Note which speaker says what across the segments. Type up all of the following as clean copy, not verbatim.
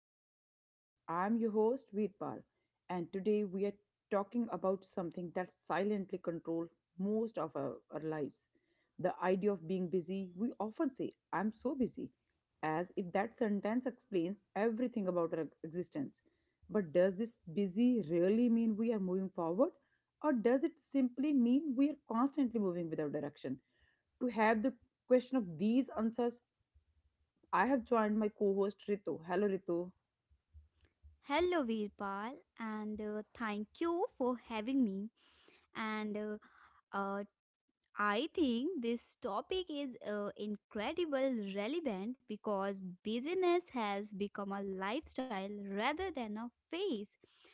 Speaker 1: to our podcast. I'm your host, Veerpal, and today we are talking about something that silently controls most of our lives, the idea of being busy. We often say, "I'm so busy," as if that sentence explains everything about our existence. But does this busy really mean we are moving forward, or does it simply mean we are constantly moving without direction? To have the question of these answers, I have joined my co-host Ritu. Hello, Ritu.
Speaker 2: Hello, Veerpal, and thank you for having me. And I think this topic is incredible relevant because business has become a lifestyle rather than a phase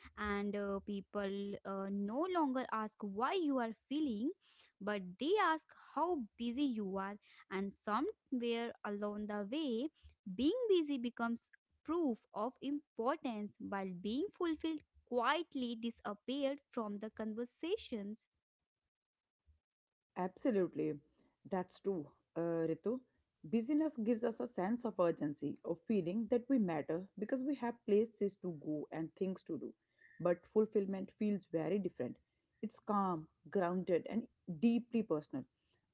Speaker 2: and people no longer ask why you are feeling, but they ask how busy you are, and somewhere along the way being busy becomes proof of importance while being fulfilled quietly disappeared from the conversations.
Speaker 1: Absolutely. That's true, Ritu. Busyness gives us a sense of urgency, of feeling that we matter because we have places to go and things to do. But fulfillment feels very different. It's calm, grounded, and deeply personal.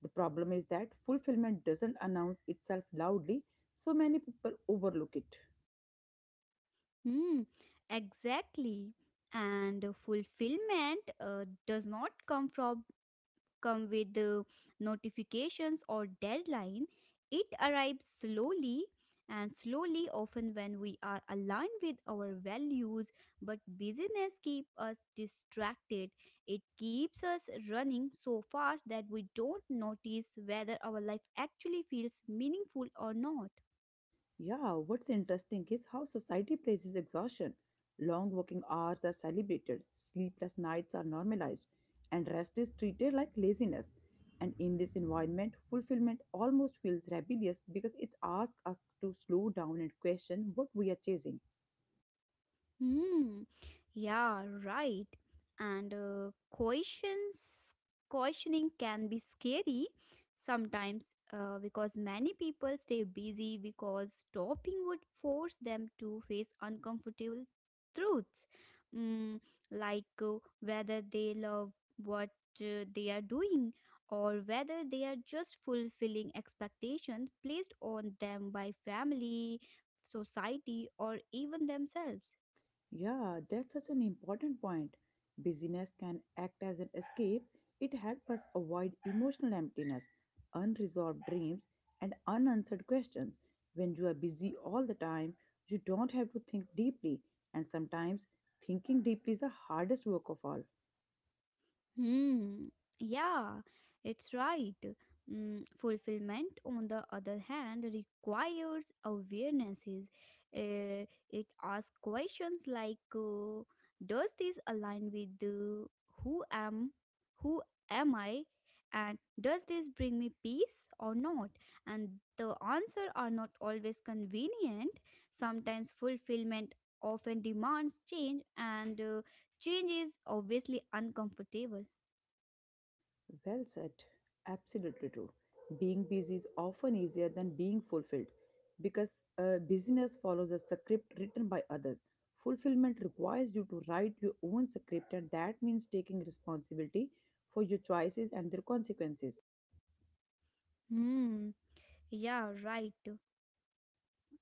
Speaker 1: The problem is that fulfillment doesn't announce itself loudly, so many people overlook it.
Speaker 2: Hmm, exactly. And fulfillment does not come from come with notifications or deadline. It arrives slowly and slowly often when we are aligned with our values, but busyness keeps us distracted. It keeps us running so fast that we don't notice whether our life actually feels meaningful or not.
Speaker 1: Yeah, what's interesting is how society praises exhaustion. Long working hours are celebrated, sleepless nights are normalized, and rest is treated like laziness. And in this environment, fulfillment almost feels rebellious because it asks us to slow down and question what we are chasing.
Speaker 2: Hmm. Yeah, right. And uh, questions, questioning can be scary sometimes because many people stay busy because stopping would force them to face uncomfortable truths, mm, like whether they love what they are doing, or whether they are just fulfilling expectations placed on them by family, society, or even themselves.
Speaker 1: Yeah, that's such an important point. Busyness can act as an escape. It helps us avoid emotional emptiness, unresolved dreams, and unanswered questions. When you are busy all the time, you don't have to think deeply, and sometimes thinking deeply is the hardest work of all.
Speaker 2: Hmm. Yeah, it's right. Mm, fulfillment, on the other hand, requires awarenesses. It asks questions like, "Does this align with who am, who am I, and does this bring me peace or not?" And the answer are not always convenient. Sometimes fulfillment often demands change, and change is obviously uncomfortable.
Speaker 1: Well said. Absolutely true. Being busy is often easier than being fulfilled because busyness follows a script written by others. Fulfillment requires you to write your own script, and that means taking responsibility for your choices and their consequences.
Speaker 2: Hmm. Yeah, right.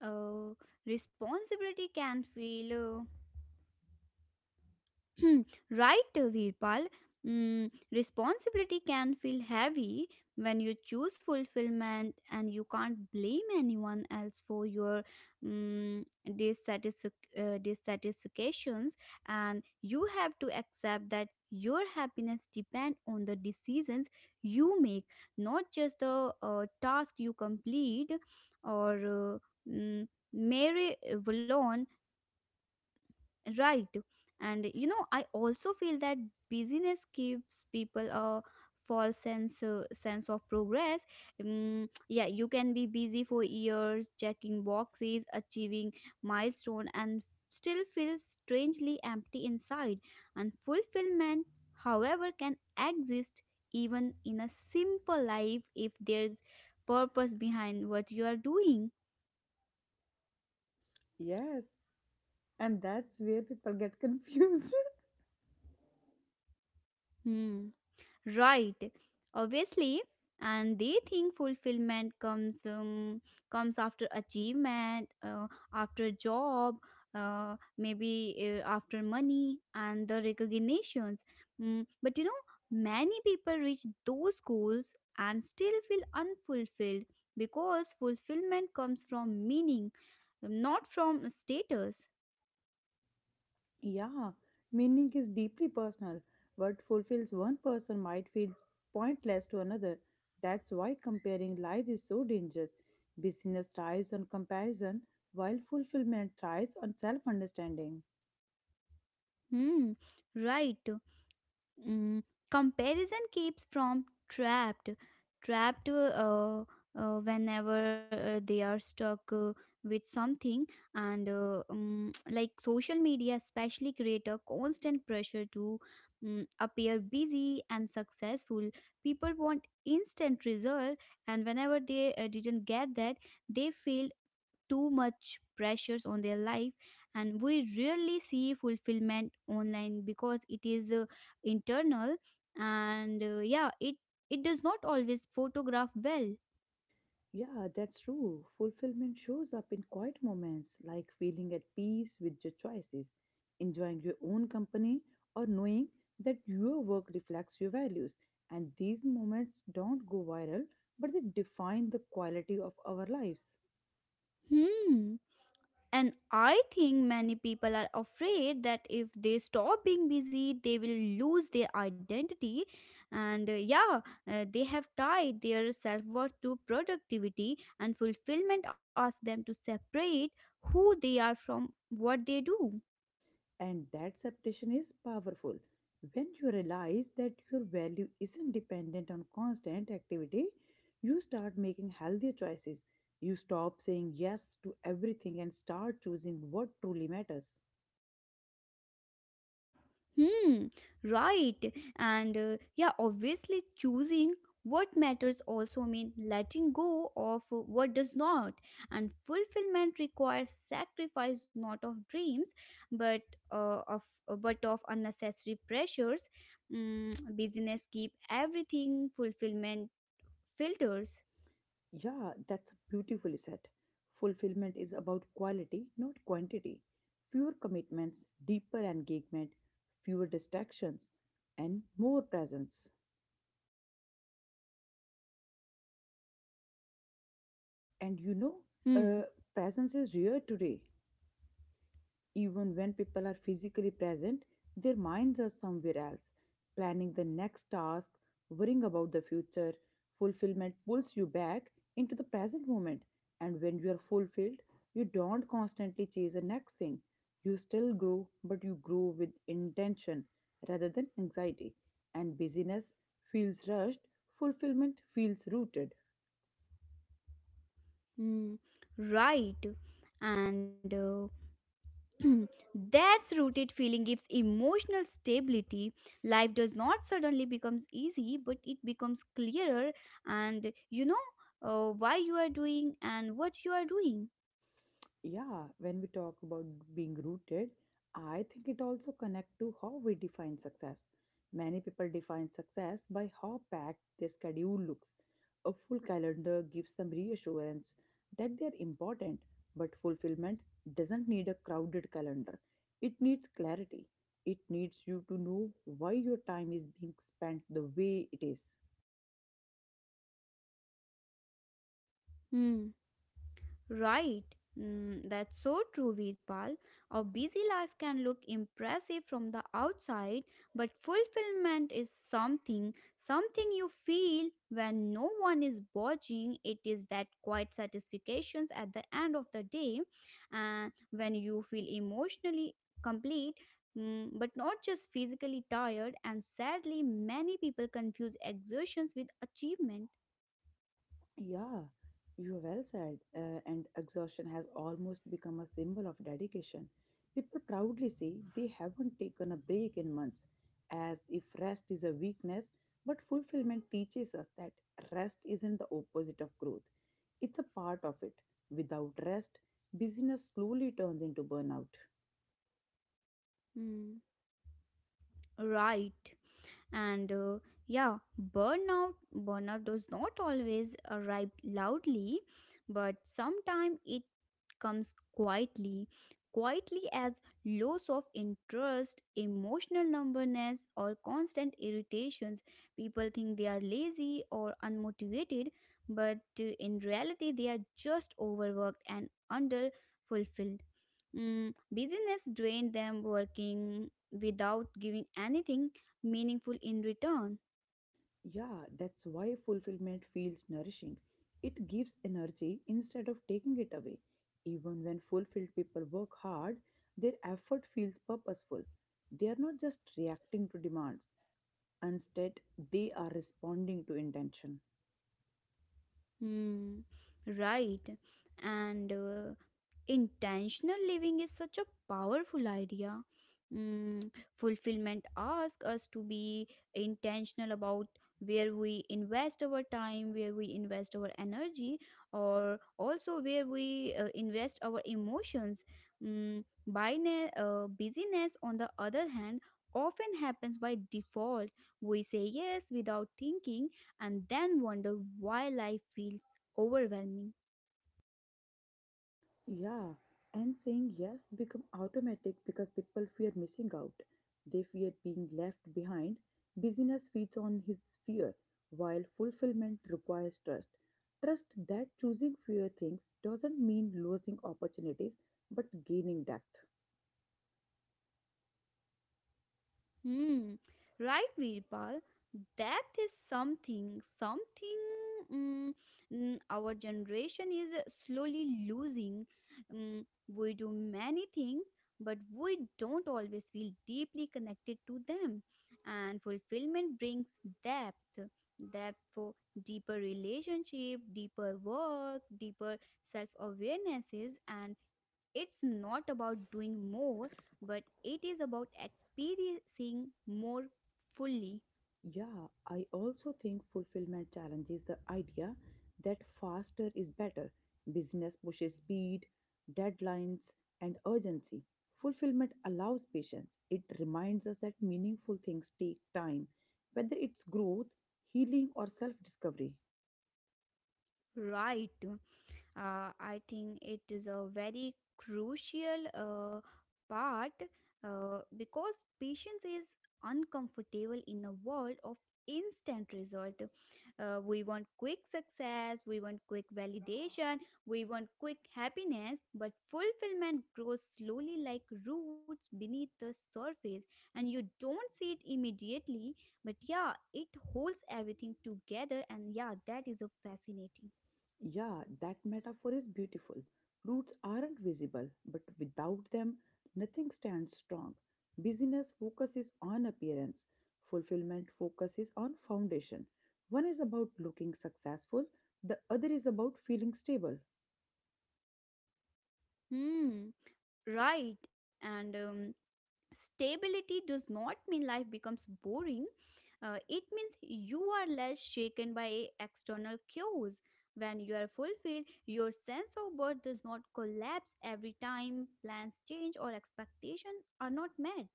Speaker 2: Uh, Responsibility can feel right, Virpal. Mm, responsibility can feel heavy when you choose fulfillment and you can't blame anyone else for your mm, dissatisfactions, and you have to accept that your happiness depends on the decisions you make, not just the task you complete or uh, mm, mary Vallon. Right. And you know, I also feel that busyness gives people a false sense sense of progress. Mm, yeah, you can be busy for years, checking boxes, achieving milestone, and still feel strangely empty inside. And fulfillment, however, can exist even in a simple life if there's purpose behind what you are doing.
Speaker 1: Yes, and that's where people get confused.
Speaker 2: Hmm. Right. Obviously, and they think fulfillment comes comes after achievement, after job, maybe after money and the recognitions. Mm, but you know, many people reach those goals and still feel unfulfilled because fulfillment comes from meaning, not from status.
Speaker 1: Yeah, meaning is deeply personal. What fulfills one person might feel pointless to another. That's why comparing life is so dangerous. Business thrives on comparison, while fulfillment thrives on self understanding.
Speaker 2: Hmm. Right. Mm, comparison keeps from trapped trapped uh, whenever they are stuck with something, and like social media especially create a constant pressure to appear busy and successful. People want instant result, and whenever they didn't get that, they feel too much pressures on their life. And we rarely see fulfillment online because it is internal, and yeah, it does not always photograph well.
Speaker 1: Yeah, that's true. Fulfillment shows up in quiet moments like feeling at peace with your choices, enjoying your own company, or knowing that your work reflects your values. And these moments don't go viral, but they define the quality of our lives.
Speaker 2: Hmm, and I think many people are afraid that if they stop being busy, they will lose their identity, and they have tied their self-worth to productivity, and fulfillment asks them to separate who they are from what they do.
Speaker 1: And that separation is powerful. When you realize that your value isn't dependent on constant activity, you start making healthier choices. You stop saying yes to everything and start choosing what truly matters.
Speaker 2: Hmm, right. Obviously, choosing what matters also means letting go of what does not. And fulfillment requires sacrifice, not of dreams, but of but of unnecessary pressures. Mm, business keep everything, fulfillment filters.
Speaker 1: Yeah, that's beautifully said. Fulfillment is about quality, not quantity. Fewer commitments, deeper engagement, fewer distractions, and more presence. And you know, uh,
Speaker 2: Hmm.
Speaker 1: presence is rare today. Even when people are physically present, their minds are somewhere else, planning the next task, worrying about the future. Fulfillment pulls you back into the present moment, and when you are fulfilled, you don't constantly chase the next thing. You still grow, but you grow with intention rather than anxiety. And busyness feels rushed, fulfillment feels rooted.
Speaker 2: Hmm. Right. And that's rooted feeling gives emotional stability. Life does not suddenly becomes easy, but it becomes clearer, and you know why you are doing and what you are doing.
Speaker 1: Yeah, when we talk about being rooted, I think it also connect to how we define success. Many people define success by how packed their schedule looks. A full calendar gives them reassurance that they're important, but fulfillment doesn't need a crowded calendar. It needs clarity. It needs you to know why your time is being spent the way it is.
Speaker 2: Hmm. Right. Mm, that's so true, Virpal. Our busy life can look impressive from the outside, but fulfillment is something you feel when no one is watching. It is that quiet satisfactions at the end of the day, and when you feel emotionally complete. Mm, but not just physically tired, and sadly, many people confuse exertions with achievement.
Speaker 1: Yeah, you well said. And exhaustion has almost become a symbol of dedication. People proudly say they haven't taken a break in months, as if rest is a weakness. But fulfillment teaches us that rest isn't the opposite of growth, it's a part of it. Without rest, busyness slowly turns into burnout.
Speaker 2: Mm. Right. and yeah burnout, does not always arrive loudly, but sometimes it comes quietly, as loss of interest, emotional numbness, or constant irritations. People think they are lazy or unmotivated, but in reality they are just overworked and under fulfilled mm, business drained them, working without giving anything meaningful in return.
Speaker 1: Yeah, that's why fulfillment feels nourishing. It gives energy instead of taking it away. Even when fulfilled people work hard, their effort feels purposeful. They are not just reacting to demands, instead, they are responding to intention.
Speaker 2: Hmm, right. And intentional living is such a powerful idea. Mm, fulfillment asks us to be intentional about where we invest our time, where we invest our energy, or also where we invest our emotions. Mm, busyness, on the other hand, often happens by default. We say yes without thinking, and then wonder why life feels overwhelming.
Speaker 1: Yeah, and saying yes become automatic because people fear missing out. They fear being left behind. Busyness feeds on his fear, while fulfillment requires trust. Trust that choosing fewer things doesn't mean losing opportunities but gaining depth.
Speaker 2: Hmm. Right, Virpal. Depth is something mm, our generation is slowly losing. Mm, we do many things, but we don't always feel deeply connected to them. And fulfillment brings depth, depth for deeper relationship, deeper work, deeper self awarenesses, and it's not about doing more, but it is about experiencing more fully,
Speaker 1: Yeah, I also think fulfillment challenges the idea that faster is better. Business pushes speed, deadlines, and urgency. Fulfillment allows patience. It reminds us that meaningful things take time, whether it's growth, healing, or self discovery.
Speaker 2: right? I think it is a very crucial part because patience is uncomfortable in a world of instant result. We want quick success, we want quick validation, we want quick happiness, but fulfillment grows slowly like roots beneath the surface, and you don't see it immediately. But yeah, it holds everything together, and yeah, that is a fascinating.
Speaker 1: Yeah, that metaphor is beautiful. Roots aren't visible, but without them, nothing stands strong. Business focuses on appearance, fulfillment focuses on foundation. One is about looking successful, the other is about feeling stable.
Speaker 2: Hmm, right. And stability does not mean life becomes boring. It means you are less shaken by external cues. When you are fulfilled, your sense of worth does not collapse every time plans change or expectations are not met.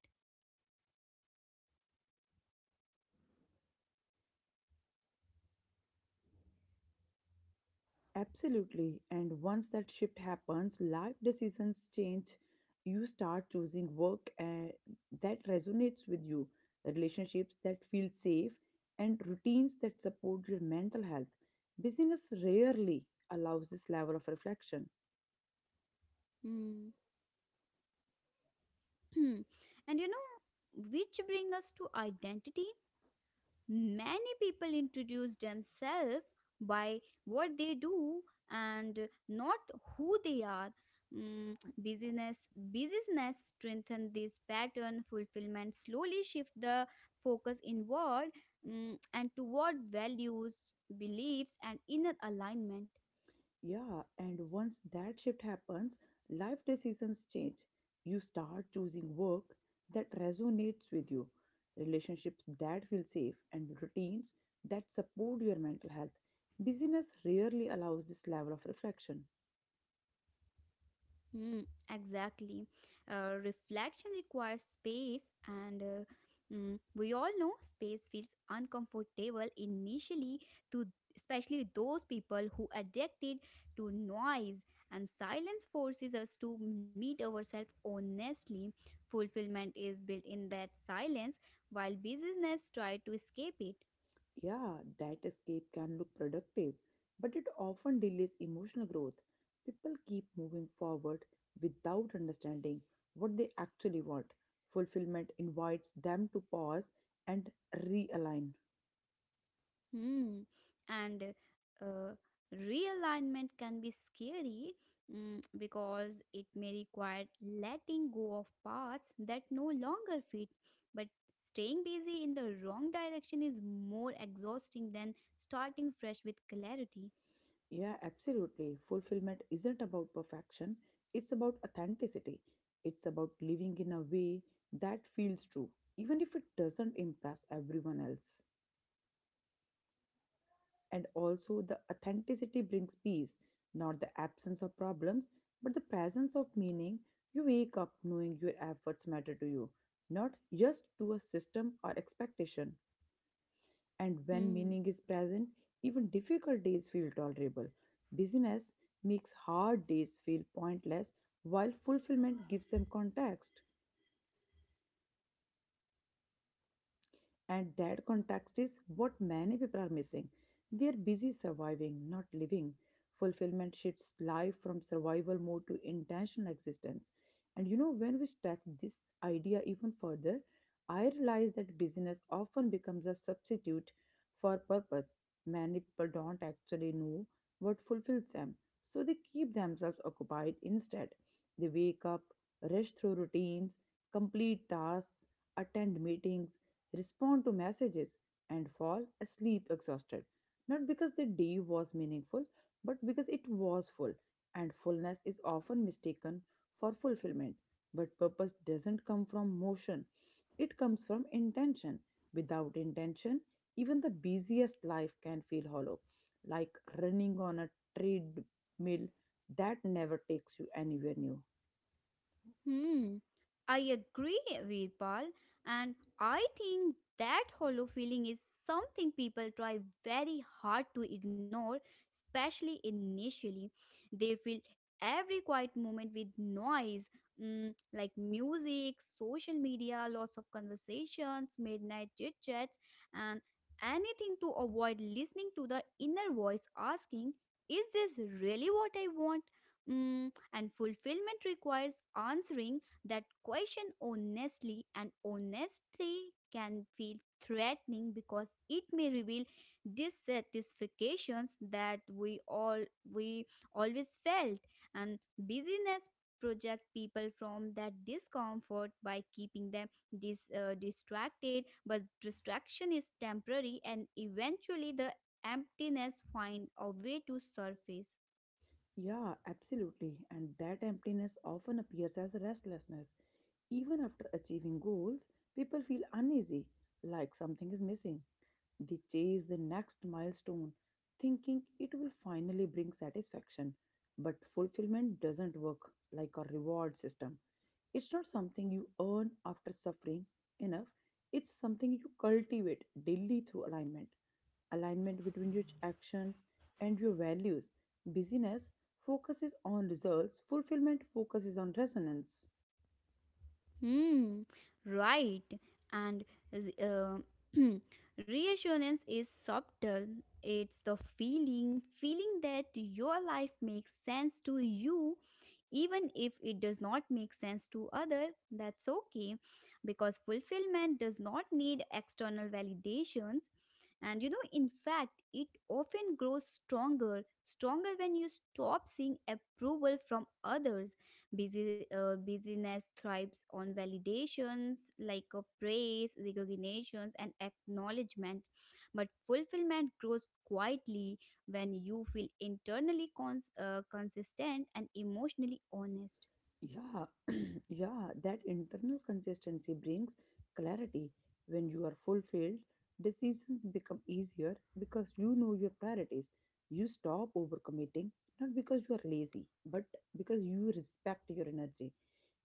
Speaker 1: Absolutely. And once that shift happens, life decisions change. You start choosing work that resonates with you, relationships that feel safe, and routines that support your mental health. Business rarely allows this level of reflection.
Speaker 2: Hmm. and you know, which bring us to identity. Many people introduce themselves by what they do, and not who they are. Mm, business strengthen this pattern. Fulfillment slowly shift the focus inward, mm, and toward values, beliefs, and inner alignment.
Speaker 1: Yeah, and once that shift happens, life decisions change. You start choosing work that resonates with you, relationships that feel safe, and routines that support your mental health. Busyness rarely allows this level of reflection.
Speaker 2: Hmm, exactly. Reflection requires space, and mm, we all know space feels uncomfortable initially to, especially those people who addicted to noise. And silence forces us to meet ourselves honestly. Fulfillment is built in that silence, while business try to escape it.
Speaker 1: Yeah, that escape can look productive, but it often delays emotional growth. People keep moving forward without understanding what they actually want. Fulfillment invites them to pause and realign.
Speaker 2: Hmm. And uh, realignment can be scary, mm, because it may require letting go of paths that no longer fit. But staying busy in the wrong direction is more exhausting than starting fresh with clarity.
Speaker 1: Yeah, absolutely. Fulfillment isn't about perfection, it's about authenticity. It's about living in a way that feels true, even if it doesn't impress everyone else. And also, the authenticity brings peace, not the absence of problems, but the presence of meaning. You wake up knowing your efforts matter to you, not just to a system or expectation. And when
Speaker 2: Hmm.
Speaker 1: meaning is present, even difficult days feel tolerable. Busyness makes hard days feel pointless, while fulfillment gives them context. And that context is what many people are missing. They are busy surviving, not living. Fulfillment shifts life from survival mode to intentional existence. And you know, when we stretch this idea even further, I realize that busyness often becomes a substitute for purpose. Many people don't actually know what fulfills them, so they keep themselves occupied instead. They wake up, rush through routines, complete tasks, attend meetings, respond to messages, and fall asleep exhausted. Not because the day was meaningful, but because it was full, and fullness is often mistaken for fulfillment. But purpose doesn't come from motion, it comes from intention. Without intention, even the busiest life can feel hollow, like running on a treadmill that never takes you anywhere new.
Speaker 2: Hmm, I agree, Veerpal, and I think that hollow feeling is something people try very hard to ignore, especially initially. They fill every quiet moment with noise, mm, like music, social media, lots of conversations, midnight chit chats, and anything to avoid listening to the inner voice asking, is this really what I want? Mm, and fulfillment requires answering that question honestly, and honesty can feel threatening because it may reveal dissatisfactions that we always felt. And busyness project people from that discomfort by keeping them distracted, but distraction is temporary, and eventually the emptiness find a way to surface.
Speaker 1: Yeah, absolutely. And that emptiness often appears as restlessness. Even after achieving goals, people feel uneasy, like something is missing. They chase the next milestone, thinking it will finally bring satisfaction. But fulfillment doesn't work like a reward system. It's not something you earn after suffering enough, it's something you cultivate daily through alignment. Alignment between your actions and your values. Busyness focuses on results, fulfillment focuses on resonance.
Speaker 2: Hmm, right. And uh, reassurance is subtle. It's the feeling that your life makes sense to you, even if it does not make sense to other. That's okay, because fulfillment does not need external validations. And you know, in fact, it often grows stronger when you stop seeing approval from others. Busyness thrives on validations like a praise, recognitions, and acknowledgement. But fulfillment grows quietly when you feel internally consistent and emotionally honest.
Speaker 1: Yeah, yeah, that internal consistency brings clarity. When you are fulfilled, decisions become easier because you know your priorities. You stop overcommitting, not because you are lazy, but because you respect your energy.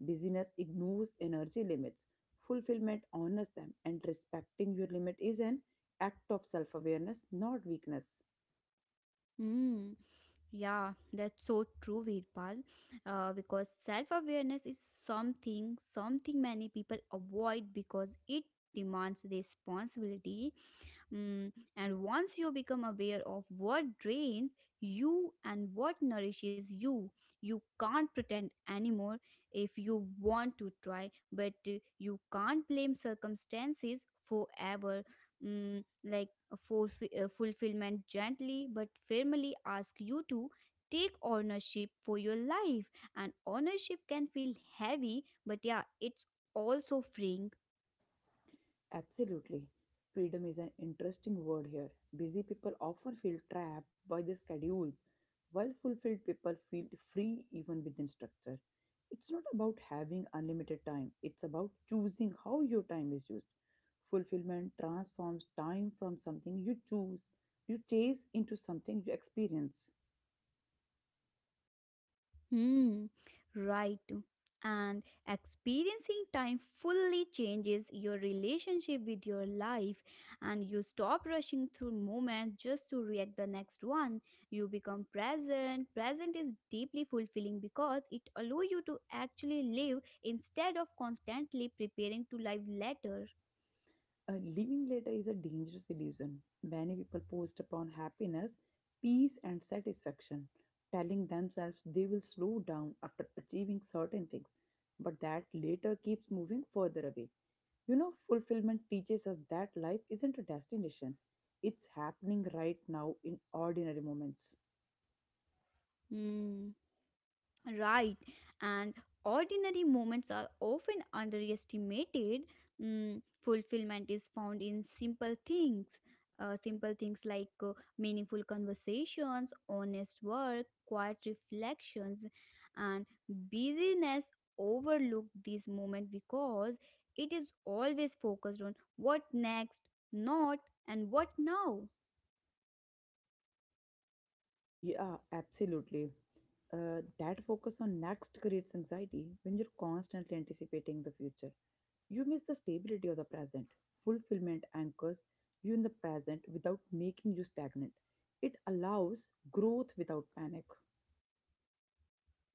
Speaker 1: Busyness ignores energy limits. Fulfillment honors them, and respecting your limit is an act of self awareness, not weakness.
Speaker 2: Hmm. Yeah, that's so true, Veerpal. Because self-awareness is something many people avoid because it demands responsibility. Mm, and once you become aware of what drains you and what nourishes you, you can't pretend anymore if you want to try, but you can't blame circumstances forever. Mm, like fulfillment gently but firmly ask you to take ownership for your life, and ownership can feel heavy, but yeah, it's also freeing.
Speaker 1: Absolutely. Freedom is an interesting word here. Busy people often feel trapped by their schedules, while fulfilled people feel free even within structure. It's not about having unlimited time, it's about choosing how your time is used. Fulfillment transforms time from something you choose, you chase into something you experience.
Speaker 2: Hmm, right. And experiencing time fully changes your relationship with your life, and you stop rushing through moments just to react the next one. You become present. Present is deeply fulfilling because it allows you to actually live instead of constantly preparing to live later.
Speaker 1: Living later is a dangerous illusion. Many people post upon happiness, peace, and satisfaction, telling themselves they will slow down after achieving certain things, but that later keeps moving further away. You know, fulfillment teaches us that life isn't a destination, it's happening right now in ordinary moments.
Speaker 2: Hmm. Right, and ordinary moments are often underestimated. Mm, fulfillment is found in simple things. Simple things like meaningful conversations, honest work, quiet reflections, and busyness overlook this moment because it is always focused on what next, not, and what now.
Speaker 1: Yeah, absolutely. That focus on next creates anxiety when you're constantly anticipating the future. You miss the stability of the present. Fulfillment anchors you in the present without making you stagnant. It allows growth without panic.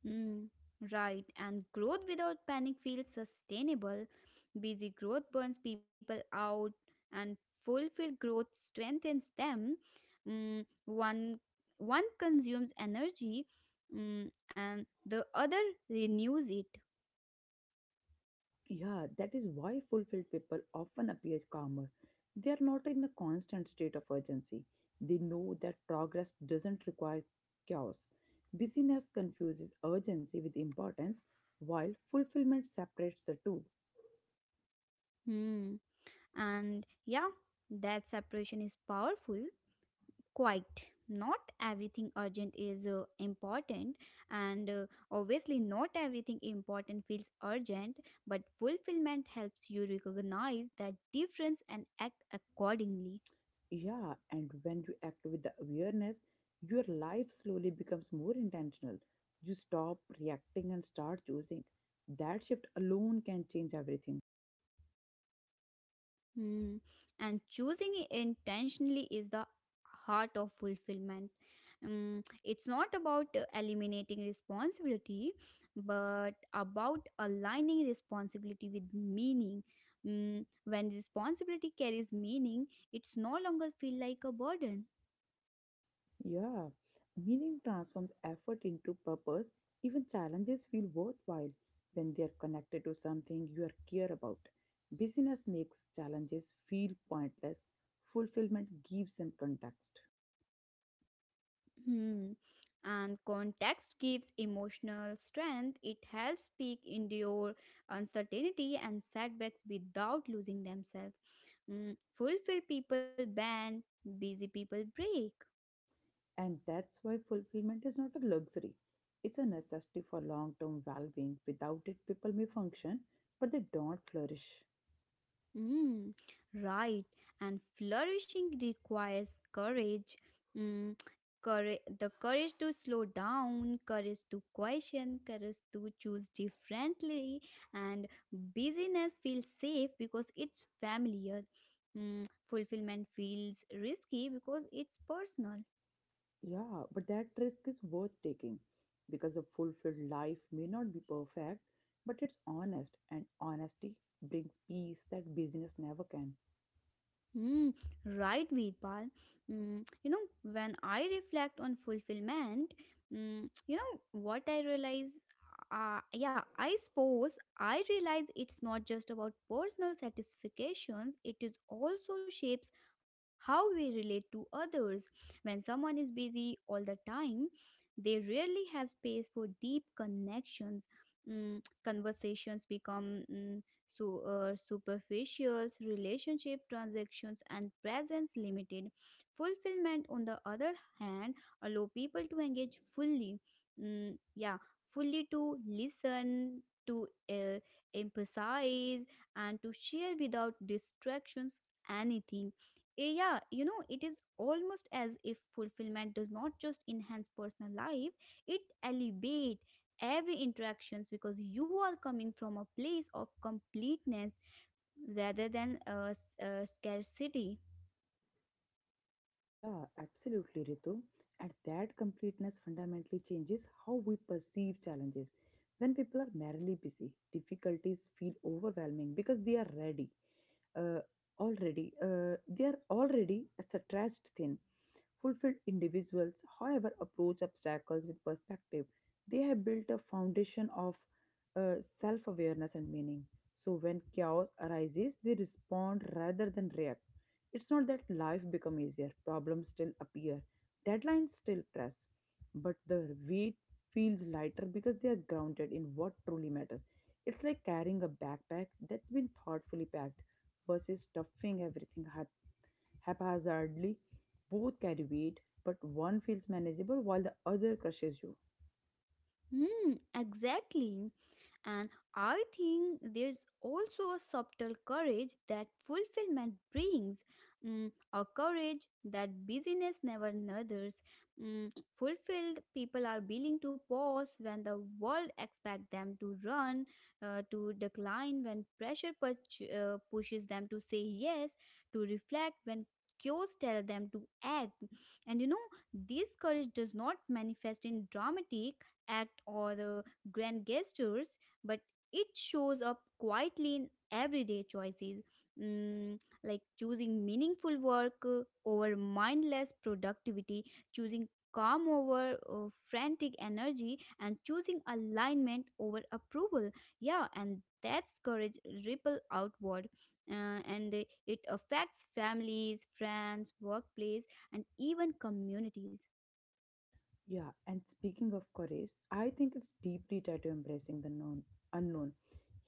Speaker 2: Mm, right, and growth without panic feels sustainable. Busy growth burns people out, and fulfilled growth strengthens them. Mm, one consumes energy, mm, and the other renews it.
Speaker 1: Yeah, that is why fulfilled people often appear calmer. They are not in a constant state of urgency. They know that progress doesn't require chaos. Busyness confuses urgency with importance, while fulfillment separates the two.
Speaker 2: Mm, and yeah, that separation is powerful. Quite. Not everything urgent is important, and obviously, not everything important feels urgent, but fulfillment helps you recognize that difference and act accordingly.
Speaker 1: Yeah, and when you act with the awareness, your life slowly becomes more intentional. You stop reacting and start choosing. That shift alone can change everything.
Speaker 2: Hmm. And choosing intentionally is the heart of fulfillment. Mm, it's not about eliminating responsibility, but about aligning responsibility with meaning. Mm, when responsibility carries meaning, it's no longer feel like a burden.
Speaker 1: Yeah, meaning transforms effort into purpose. Even challenges feel worthwhile when they are connected to something you are care about. Busyness makes challenges feel pointless. Fulfillment gives them context.
Speaker 2: Hmm. And context gives emotional strength. It helps speak endure uncertainty and setbacks without losing themselves. Mm, fulfilled people bend, busy people break.
Speaker 1: And that's why fulfillment is not a luxury. It's a necessity for long term well being. Without it, people may function, but they don't flourish.
Speaker 2: Mm, right. And flourishing requires courage. Mm, Courage. The courage to slow down, courage to question, courage to choose differently. And busyness feels safe because it's familiar. Fulfillment feels risky because it's personal.
Speaker 1: Yeah, but that risk is worth taking because a fulfilled life may not be perfect, but it's honest, and honesty brings peace that busyness never can.
Speaker 2: Mm, right, Veerpal. Mm, you know, when I reflect on fulfillment, you know what I realize. Yeah, I suppose I realize it's not just about personal satisfactions. It is also shapes how we relate to others. When someone is busy all the time, they rarely have space for deep connections. Mm, Conversations become so, superficials, relationship transactions, and presence limited. Fulfillment, on the other hand, allow people to engage fully. Yeah, fully to listen, to emphasize, and to share without distractions anything. Yeah, it is almost as if fulfillment does not just enhance personal life, it elevates every interactions because you are coming from a place of completeness rather than a scarcity.
Speaker 1: Yeah, absolutely, Ritu. And that completeness fundamentally changes how we perceive challenges. When people are merely busy, difficulties feel overwhelming because they are ready. Uh, already They are already stretched thin. Fulfilled individuals, however, approach obstacles with perspective. They have built a foundation of self awareness and meaning. So, when chaos arises, they respond rather than react. It's not that life becomes easier, problems still appear, deadlines still press, but the weight feels lighter because they are grounded in what truly matters. It's like carrying a backpack that's been thoughtfully packed versus stuffing everything haphazardly. Both carry weight, but one feels manageable while the other crushes you.
Speaker 2: Hmm, exactly. And I think there's also a subtle courage that fulfillment brings, a courage that busyness never nurtures. Mm, Fulfilled people are willing to pause when the world expects them to run, to decline when pressure pushes them to say yes, to reflect when cues tell them to act. And this courage does not manifest in dramatic act or the grand gestures, but it shows up quietly in everyday choices, mm, like choosing meaningful work over mindless productivity, choosing calm over frantic energy, and choosing alignment over approval. Yeah, and that's courage ripple outward, and it affects families, friends, workplace, and even communities.
Speaker 1: Yeah, and speaking of courage, I think it's deeply tied to embracing the known, unknown.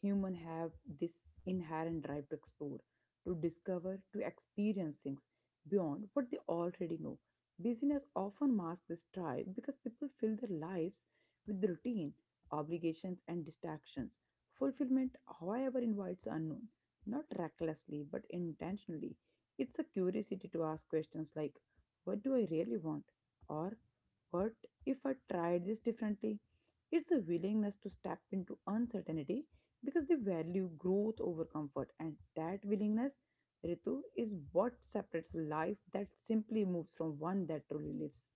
Speaker 1: Human have this inherent drive to explore, to discover, to experience things beyond what they already know. Busyness often masks this drive because people fill their lives with routine, obligations, and distractions. Fulfillment, however, invites unknown, not recklessly but intentionally. It's a curiosity to ask questions like, "What do I really want?" Or but if I tried this differently, it's a willingness to step into uncertainty because they value growth over comfort. And that willingness, Ritu, is what separates life that simply moves from one that truly lives.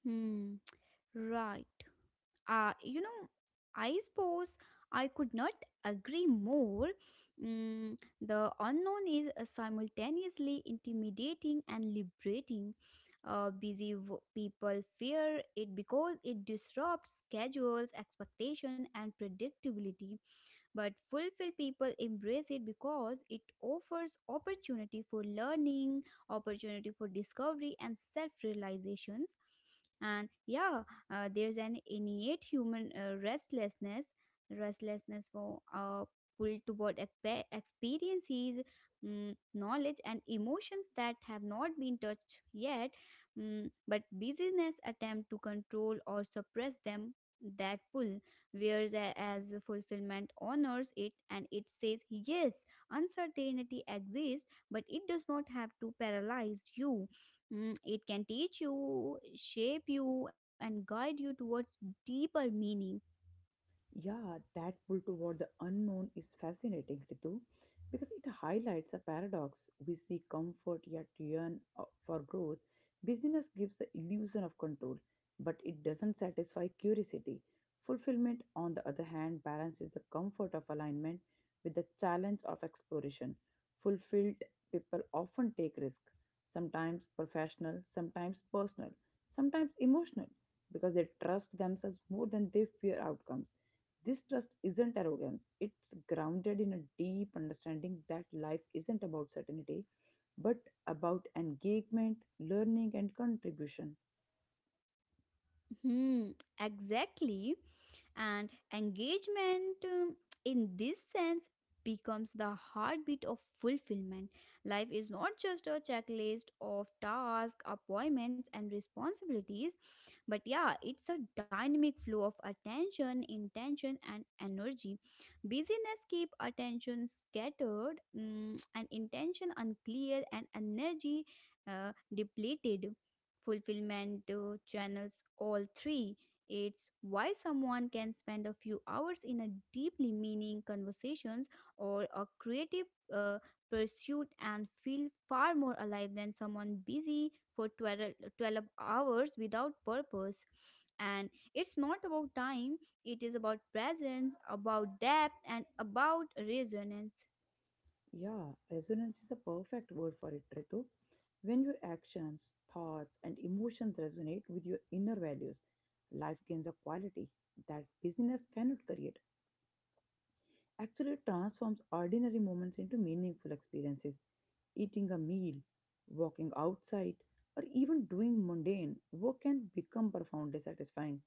Speaker 2: Hmm, right. uh, you know, I suppose I could not agree more. The unknown is simultaneously intimidating and liberating. Busy people fear it because it disrupts schedules, expectation, and predictability. But fulfilled people embrace it because it offers opportunity for learning, opportunity for discovery, and self realizations. And yeah, there's an innate human restlessness, for pull toward experiences, knowledge, and emotions that have not been touched yet. But business attempt to control or suppress them. That pull wears as fulfillment honors it, and it says, "Yes, uncertainty exists, but it does not have to paralyze you." It can teach you, shape you, and guide you towards deeper meaning.
Speaker 1: Yeah, that pull toward the unknown is fascinating, Ritu, because it highlights a paradox. We seek comfort yet yearn for growth. Busyness gives the illusion of control, but it doesn't satisfy curiosity. Fulfillment, on the other hand, balances the comfort of alignment with the challenge of exploration. Fulfilled people often take risk, sometimes professional, sometimes personal, sometimes emotional, because they trust themselves more than they fear outcomes. This trust isn't arrogance, it's grounded in a deep understanding that life isn't about certainty, but about engagement, learning, and contribution.
Speaker 2: Hmm, exactly. And engagement in this sense becomes the heartbeat of fulfillment. Life is not just a checklist of tasks, appointments, and responsibilities, but yeah, it's a dynamic flow of attention, intention, and energy. Busyness keep attention scattered, and intention unclear, and energy depleted. Fulfillment channels all three. It's why someone can spend a few hours in a deeply meaning conversations or a creative uh, pursuit and feel far more alive than someone busy for twelve hours without purpose. And it's not about time, it is about presence, about depth, and about resonance.
Speaker 1: Yeah, resonance is a perfect word for it, Ritu. When your actions, thoughts, and emotions resonate with your inner values, life gains a quality that business cannot create. Actually transforms ordinary moments into meaningful experiences. Eating a meal, walking outside, or even doing mundane work can become profoundly satisfying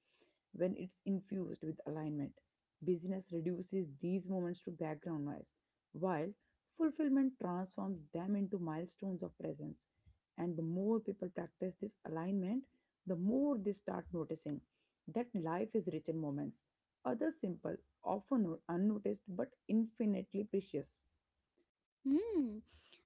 Speaker 1: when it's infused with alignment. Busyness reduces these moments to background noise, while fulfillment transforms them into milestones of presence. And the more people practice this alignment, the more they start noticing that life is rich in moments. Other simple, often no, unnoticed, but infinitely precious.
Speaker 2: Hmm.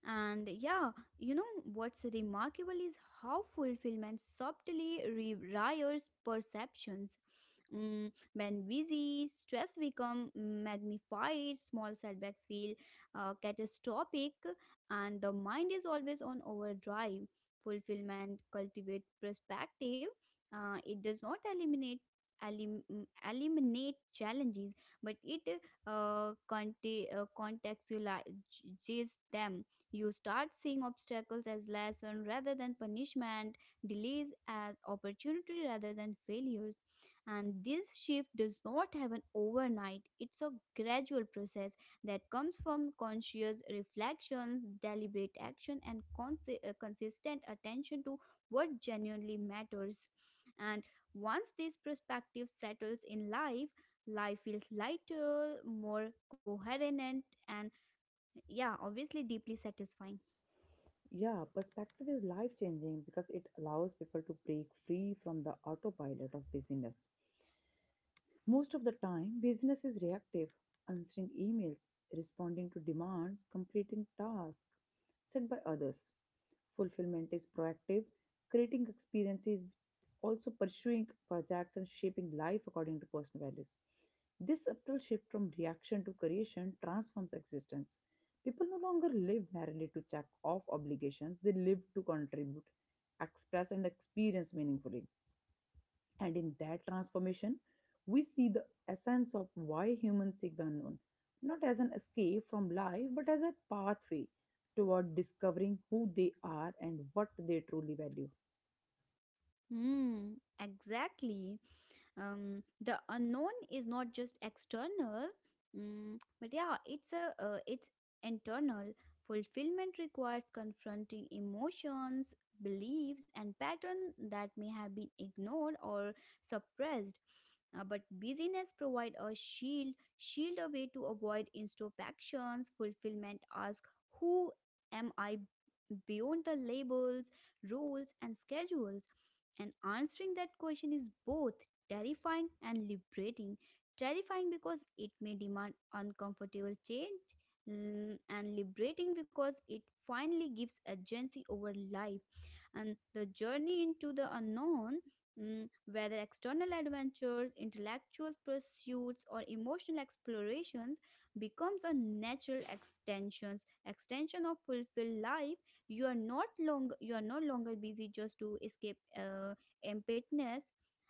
Speaker 2: And yeah, you know what's remarkable is how fulfillment subtly rewires perceptions. When busy, stress become magnified, small setbacks feel catastrophic, and the mind is always on overdrive. Fulfillment cultivate perspective. It does not elim- eliminate challenges, but it contextualizes them. You start seeing obstacles as lesson rather than punishment, delays as opportunity rather than failures. And this shift does not happen overnight. It's a gradual process that comes from conscious reflections, deliberate action, and consistent attention to what genuinely matters. And once this perspective settles in life, life feels lighter, more coherent, and yeah, obviously deeply satisfying.
Speaker 1: Yeah, perspective is life changing because it allows people to break free from the autopilot of busyness. Most of the time, business is reactive, answering emails, responding to demands, completing tasks set by others. Fulfillment is proactive, creating experiences, also pursuing projects and shaping life according to personal values. This subtle shift from reaction to creation transforms existence. People no longer live merely to check off obligations, they live to contribute, express, and experience meaningfully. And in that transformation, we see the essence of why humans seek the unknown, not as an escape from life, but as a pathway toward discovering who they are and what they truly value.
Speaker 2: Hmm, exactly. The unknown is not just external, but yeah, it's internal. Fulfillment requires confronting emotions, beliefs, and patterns that may have been ignored or suppressed. But busyness provide a shield, a way to avoid introspections. Fulfillment asks, who am I beyond the labels, rules, and schedules? And answering that question is both terrifying and liberating. Terrifying because it may demand uncomfortable change, and liberating because it finally gives agency over life. And the journey into the unknown, whether external adventures, intellectual pursuits, or emotional explorations, becomes a natural extension of fulfilled life. You are no longer busy just to escape emptiness,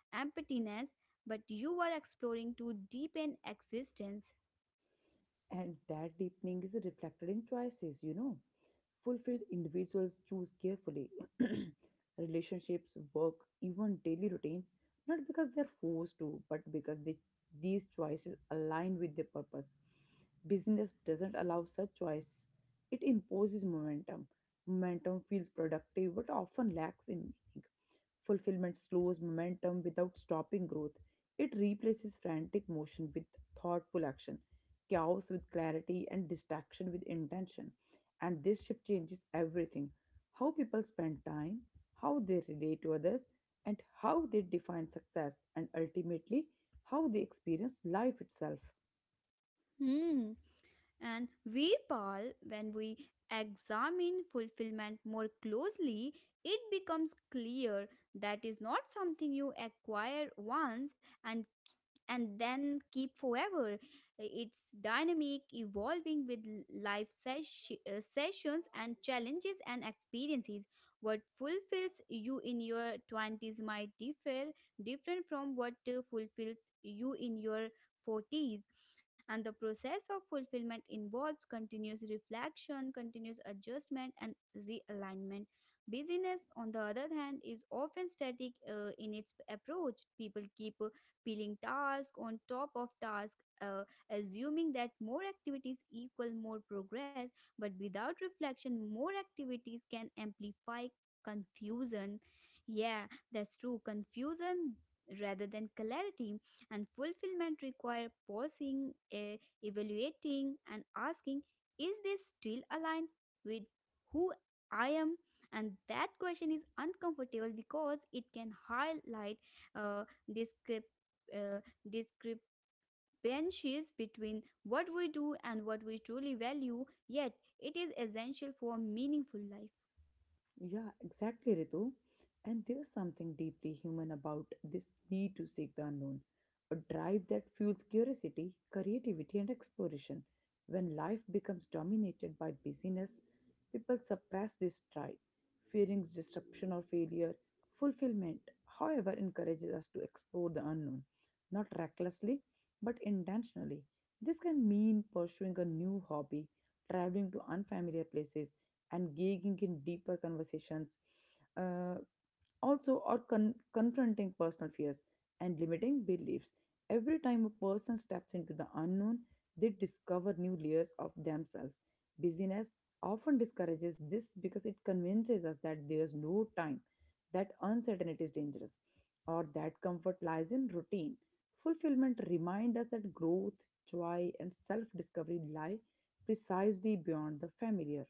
Speaker 2: emptiness, but you are exploring to deepen existence.
Speaker 1: And that deepening is reflected in choices, you know. Fulfilled individuals choose carefully relationships, work, even daily routines, not because they're forced to, but because they, these choices align with their purpose. Business doesn't allow such choice, it imposes momentum. Momentum feels productive but often lacks in meaning. Fulfillment slows momentum without stopping growth. It replaces frantic motion with thoughtful action, chaos with clarity, and distraction with intention. And this shift changes everything: how people spend time, how they relate to others, and how they define success, and ultimately, how they experience life itself.
Speaker 2: Hmm. And Veerpal, when we examine fulfillment more closely, it becomes clear that is not something you acquire once and and then keep forever. It's dynamic, evolving with life sessions and challenges and experiences. What fulfills you in your 20s might different from what fulfills you in your 40s, and the process of fulfillment involves continuous reflection, continuous adjustment, and realignment. Busyness, on the other hand, is often static in its approach. People keep peeling task on top of task, uh, assuming that more activities equal more progress. But without reflection, more activities can amplify confusion. Yeah, that's true. Confusion rather than clarity, and fulfillment require pausing, evaluating, and asking, is this still aligned with who I am? And that question is uncomfortable because it can highlight uh, discrep- uh, discrepancies between what we do and what we truly value, yet it is essential for a meaningful life.
Speaker 1: Yeah, exactly, Ritu. And there's something deeply human about this need to seek the unknown, a drive that fuels curiosity, creativity, and exploration. When life becomes dominated by busyness, people suppress this drive, fearing disruption or failure. Fulfillment, however, encourages us to explore the unknown, not recklessly, but intentionally. This can mean pursuing a new hobby, traveling to unfamiliar places, and engaging in deeper conversations uh, also or confronting personal fears and limiting beliefs. Every time a person steps into the unknown, they discover new layers of themselves. Busyness often discourages this because it convinces us that there's no time, that uncertainty is dangerous, or that comfort lies in routine. Fulfillment reminds us that growth, joy and self-discovery lie precisely beyond the familiar.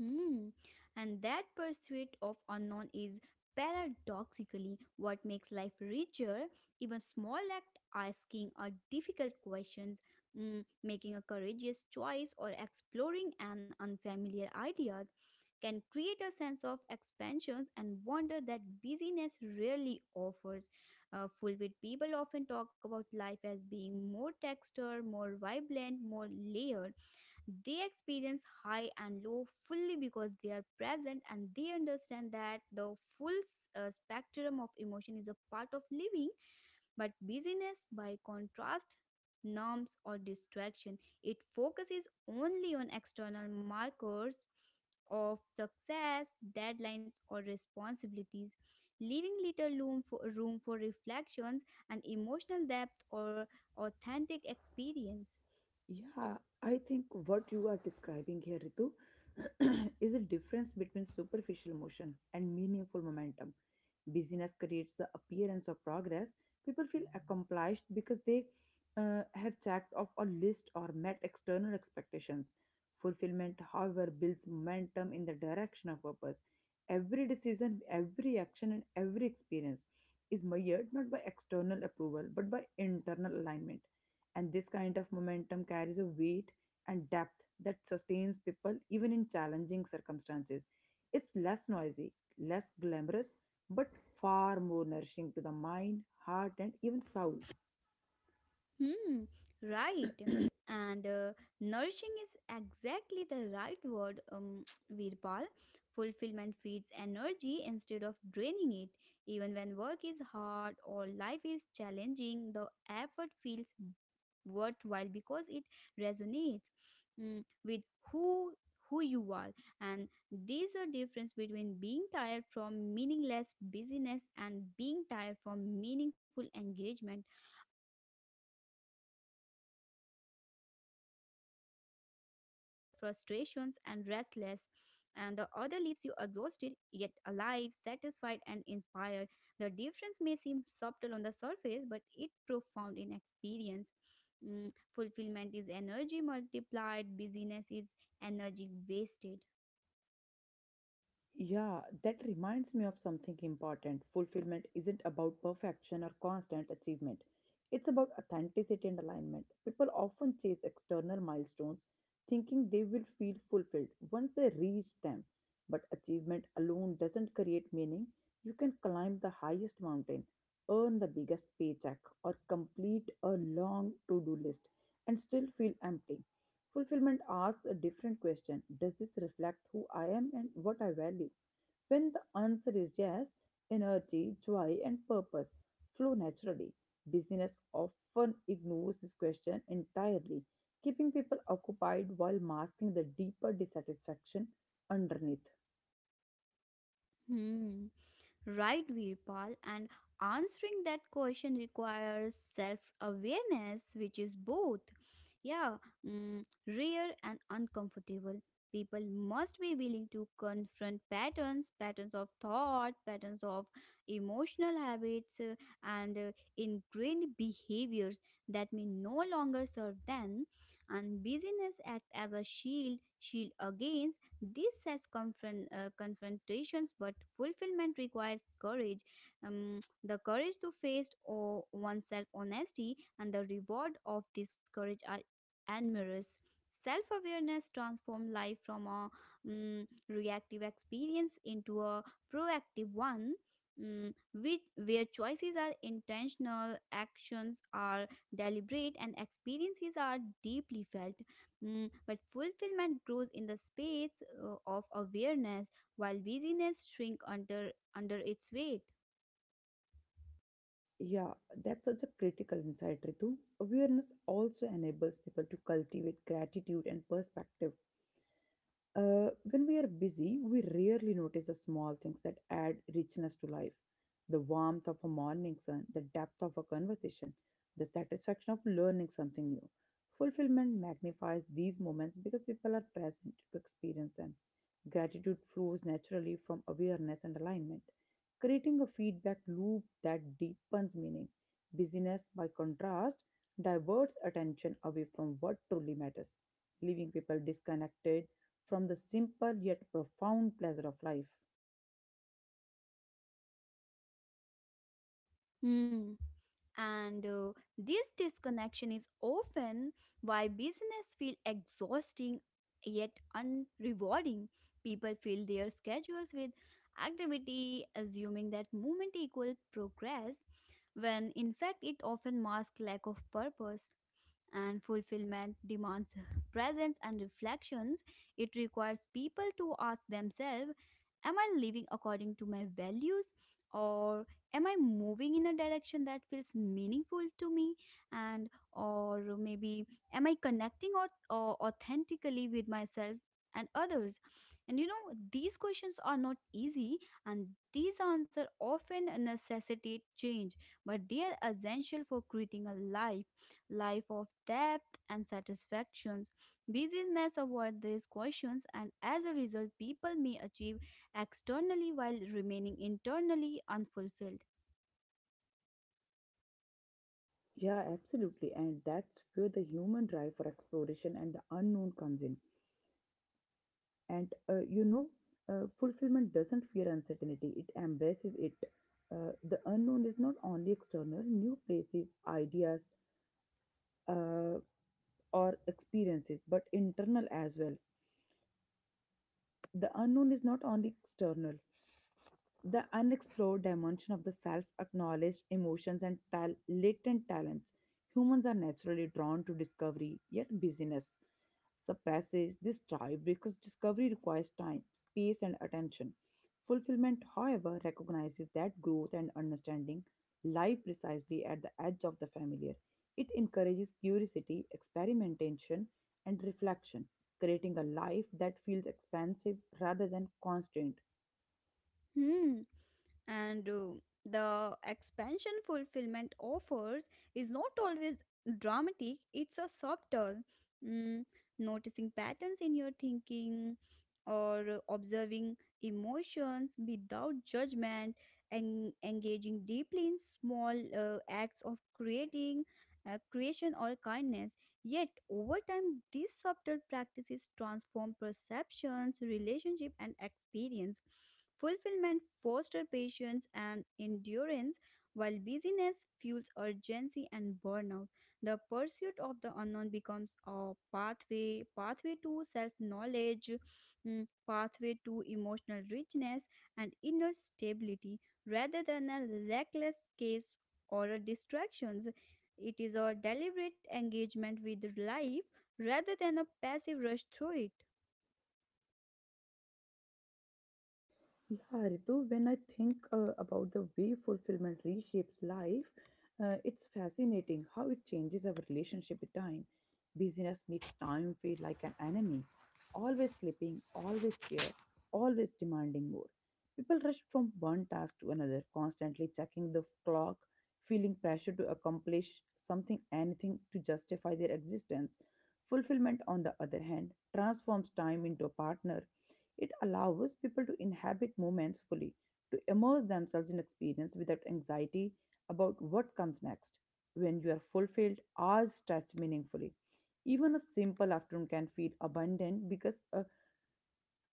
Speaker 2: Hmm. And that pursuit of unknown is paradoxically what makes life richer. Even small act asking a difficult questions, making a courageous choice or exploring an unfamiliar ideas can create a sense of expansions and wonder that busyness rarely offers. Fulfilled people often talk about life as being more texture, more vibrant, more layered. They experience high and low fully because they are present, and they understand that the full spectrum of emotion is a part of living, but busyness, by contrast, norms or distraction. It focuses only on external markers of success, deadlines, or responsibilities, leaving little room for reflections and emotional depth or authentic experience.
Speaker 1: Yeah, I think what you are describing here, Ritu, is a difference between superficial motion and meaningful momentum. Busyness creates the appearance of progress. People feel accomplished because they have checked off a list or met external expectations. Fulfillment, however, builds momentum in the direction of purpose. Every decision, every action, and every experience is measured not by external approval but by internal alignment, and this kind of momentum carries a weight and depth that sustains people even in challenging circumstances. It's less noisy, less glamorous, but far more nourishing to the mind, heart, and even soul.
Speaker 2: Hmm, right. And nourishing is exactly the right word, Virpal. Fulfillment feeds energy instead of draining it. Even when work is hard or life is challenging, the effort feels worthwhile because it resonates, with who who you are, and there's a difference between being tired from meaningless busyness and being tired from meaningful engagement. Um, One leaves you frustrations and restless, and the other leaves you exhausted yet alive, satisfied, and inspired. The difference may seem subtle on the surface, but it profound in experience. Fulfillment is energy multiplied, busyness is energy wasted.
Speaker 1: Yeah, that reminds me of something important. Fulfillment isn't about perfection or constant achievement, it's about authenticity and alignment. People often chase external milestones thinking they will feel fulfilled once they reach them. But achievement alone doesn't create meaning. You can climb the highest mountain, earn the biggest paycheck, or complete a long to do list and still feel empty. Fulfillment asks a different question: does this reflect who I am and what I value? When the answer is yes, energy, joy, and purpose flow naturally. Business often ignores this question entirely, keeping people occupied while masking the deeper dissatisfaction underneath.
Speaker 2: Hmm. Right, Virpal, and answering that question requires self awareness, which is both, yeah, rare and uncomfortable. People must be willing to confront patterns, patterns of thought, patterns of emotional habits, and ingrained behaviors that may no longer serve them. And busyness act as a shield against these self confrontations, but fulfillment requires courage, the courage to face oneself honesty, and the reward of this courage are enormous. Self awareness transforms life from a reactive experience into a proactive one. Where choices are intentional, actions are deliberate, and experiences are deeply felt. But fulfillment grows in the space of awareness, while busyness shrink under its weight.
Speaker 1: Yeah, that's such a critical insight, Ritu. Awareness also enables people to cultivate gratitude and perspective. When we are busy, we rarely notice the small things that add richness to life. The warmth of a morning sun, the depth of a conversation, the satisfaction of learning something new. Fulfillment magnifies these moments because people are present to experience them. Gratitude flows naturally from awareness and alignment, creating a feedback loop that deepens meaning. Busyness, by contrast, diverts attention away from what truly matters, leaving people disconnected from the simple yet profound pleasure of life.
Speaker 2: Mm. And this disconnection is often why business feel exhausting yet unrewarding. People fill their schedules with activity, assuming that movement equal progress, when in fact it often masks lack of purpose. And fulfillment demands presence and reflections. It requires people to ask themselves, am I living according to my values? Or am I moving in a direction that feels meaningful to me? And or maybe am I connecting or authentically with myself and others? And these questions are not easy, and these answers often necessitate change, but they are essential for creating a life of depth and satisfactions. Busyness avoid these questions, and as a result, people may achieve externally while remaining internally unfulfilled.
Speaker 1: Yeah, absolutely. And that's where the human drive for exploration and the unknown comes in. And you know, fulfillment doesn't fear uncertainty, it embraces it. The unknown is not only external, new places, ideas, uh, or experiences, but internal as well. The unknown is not only external, the unexplored dimension of the self acknowledged emotions and latent talents. Humans are naturally drawn to discovery, yet busyness suppresses this drive because discovery requires time, space, and attention. Fulfillment, however, recognizes that growth and understanding lie precisely at the edge of the familiar. It encourages curiosity, experimentation, and reflection, creating a life that feels expansive rather than constrained.
Speaker 2: Hmm. And the expansion fulfillment offers is not always dramatic. It's a subtle mm, noticing patterns in your thinking or observing emotions without judgment and engaging deeply in small acts of creating creation or kindness. Yet, over time, these subtle practices transform perceptions, relationship, and experience. Fulfillment fosters patience and endurance, while busyness fuels urgency and burnout. The pursuit of the unknown becomes a pathway to self-knowledge, pathway to emotional richness and inner stability, rather than a reckless case or a distractions. It is a deliberate engagement with life rather than a passive rush through it.
Speaker 1: Yeah, Ritu, when I think about the way fulfillment reshapes life, it's fascinating how it changes our relationship with time. Busyness makes time feel like an enemy, always slipping, always scarce, always demanding more. People rush from one task to another, constantly checking the clock, feeling pressure to accomplish something, anything to justify their existence. Fulfillment, on the other hand, transforms time into a partner. It allows people to inhabit moments fully, to immerse themselves in experience without anxiety about what comes next. When you are fulfilled, hours stretch meaningfully. Even a simple afternoon can feel abundant because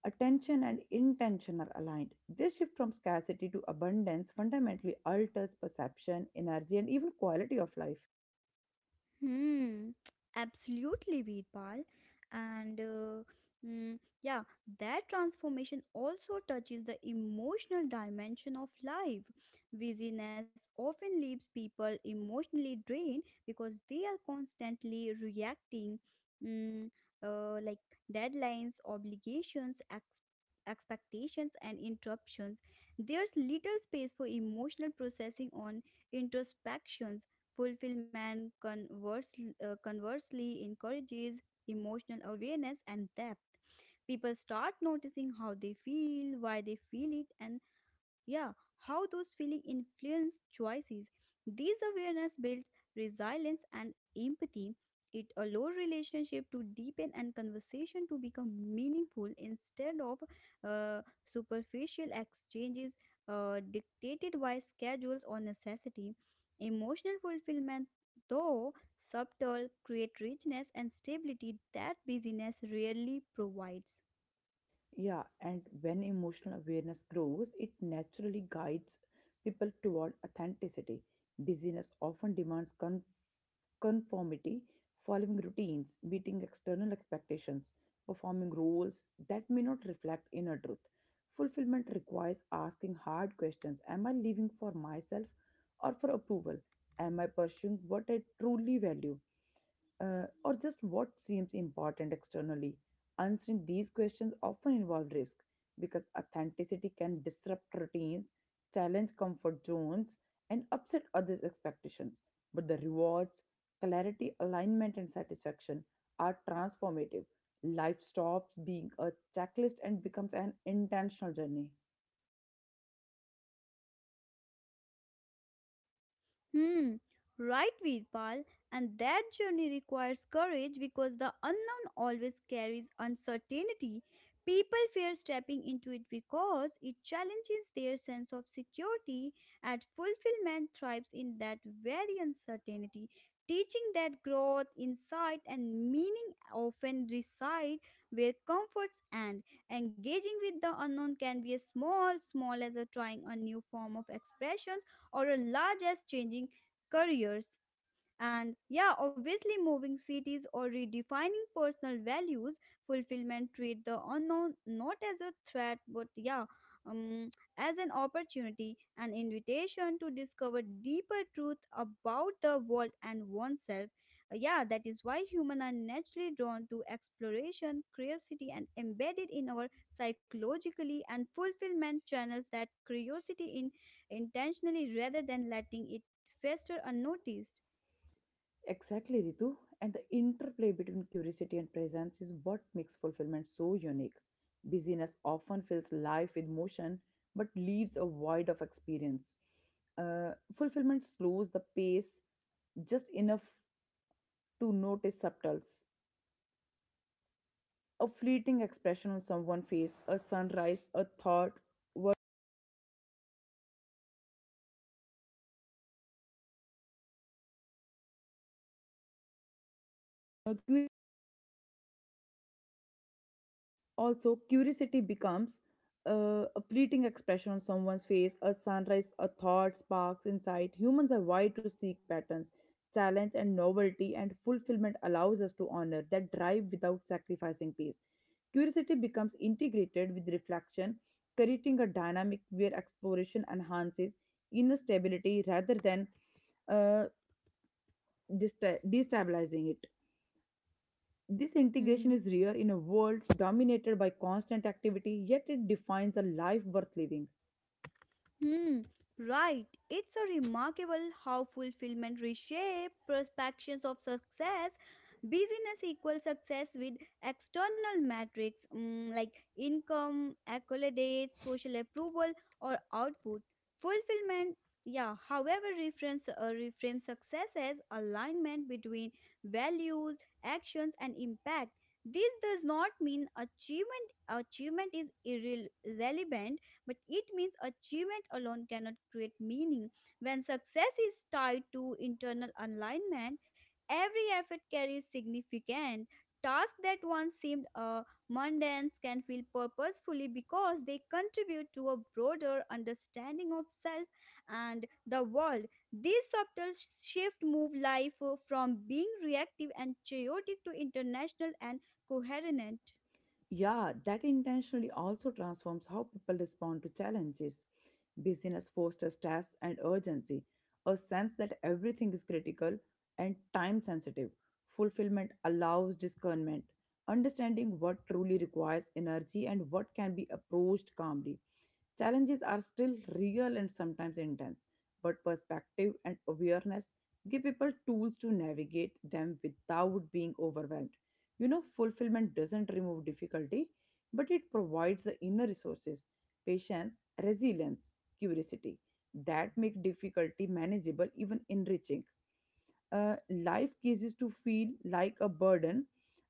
Speaker 1: attention and intention are aligned. This shift from scarcity to abundance fundamentally alters perception, energy, and even quality of life.
Speaker 2: Hmm, absolutely, Veerpal. And mm, yeah, that transformation also touches the emotional dimension of life. Busyness often leaves people emotionally drained because they are constantly reacting, mm, like deadlines, obligations, expectations, and interruptions. There's little space for emotional processing on introspections. Fulfillment conversely encourages emotional awareness and depth. People start noticing how they feel, why they feel it, and yeah, how those feelings influence choices. This awareness builds resilience and empathy. It allows relationship to deepen and conversation to become meaningful instead of superficial exchanges dictated by schedules or necessity. Emotional fulfillment, though subtle, create richness and stability that busyness rarely provides.
Speaker 1: Yeah, and when emotional awareness grows, it naturally guides people toward authenticity. Busyness often demands conformity, following routines, meeting external expectations, performing roles that may not reflect inner truth. Fulfillment requires asking hard questions: am I living for myself or for approval? Am I pursuing what I truly value, or just what seems important externally? Answering these questions often involve risk because authenticity can disrupt routines, challenge comfort zones, and upset others' expectations. But the rewards, clarity, alignment, and satisfaction are transformative. Life stops being a checklist and becomes an intentional journey.
Speaker 2: Hmm, right, Veerpal. And that journey requires courage because the unknown always carries uncertainty. People fear stepping into it because it challenges their sense of security, and fulfillment thrives in that very uncertainty, teaching that growth, insight, and meaning often reside where comforts end. Engaging with the unknown can be as small, small as a trying a new form of expressions or a large as changing careers and yeah, obviously, moving cities or redefining personal values, fulfillment treat the unknown not as a threat, but yeah, um, as an opportunity, an invitation to discover deeper truth about the world and oneself. Yeah, that is why humans are naturally drawn to exploration, curiosity, and embedded in our psychologically and fulfillment channels that curiosity in intentionally rather than letting it fester unnoticed.
Speaker 1: Exactly, Ritu. And the interplay between curiosity and presence is what makes fulfillment so unique. Busyness often fills life with motion but leaves a void of experience. Fulfillment slows the pace just enough to notice subtles. A fleeting expression on someone's face, a sunrise, a thought, word. Also, curiosity becomes a fleeting expression on someone's face, a sunrise, a thought sparks insight. Humans are wired to seek patterns, challenge, and novelty, and fulfillment allows us to honor that drive without sacrificing peace. Curiosity becomes integrated with reflection, creating a dynamic where exploration enhances inner stability rather than uh, destabilizing it. This
Speaker 2: Hmm.
Speaker 1: integration is rare in a world dominated by constant activity, yet it defines a life worth living.
Speaker 2: Hmm. Right. It's a remarkable how fulfillment reshape perceptions of success. Business equals success with external metrics, mm, like income, accolades, social approval, or output. Fulfillment, yeah, however, reframes, reframes success as alignment between values, actions, and impact. This does not mean achievement is irrelevant. But it means achievement alone cannot create meaning. When success is tied to internal alignment, every effort carries significant. Tasks that once seemed mundane can feel purposefully because they contribute to a broader understanding of self and the world. These subtle shifts move life from being reactive and chaotic to international and coherent.
Speaker 1: Yeah, that intentionally also transforms how people respond to challenges. Busyness fosters stress and urgency, a sense that everything is critical and time sensitive. Fulfillment allows discernment, understanding what truly requires energy and what can be approached calmly. Challenges are still real and sometimes intense, but perspective and awareness give people tools to navigate them without being overwhelmed. You know, fulfillment doesn't remove difficulty, but it provides the inner resources, patience, resilience, curiosity that make difficulty manageable, even enriching. Uh, life ceases to feel like a burden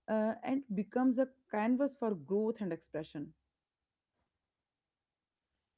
Speaker 1: and becomes a canvas for growth and expression.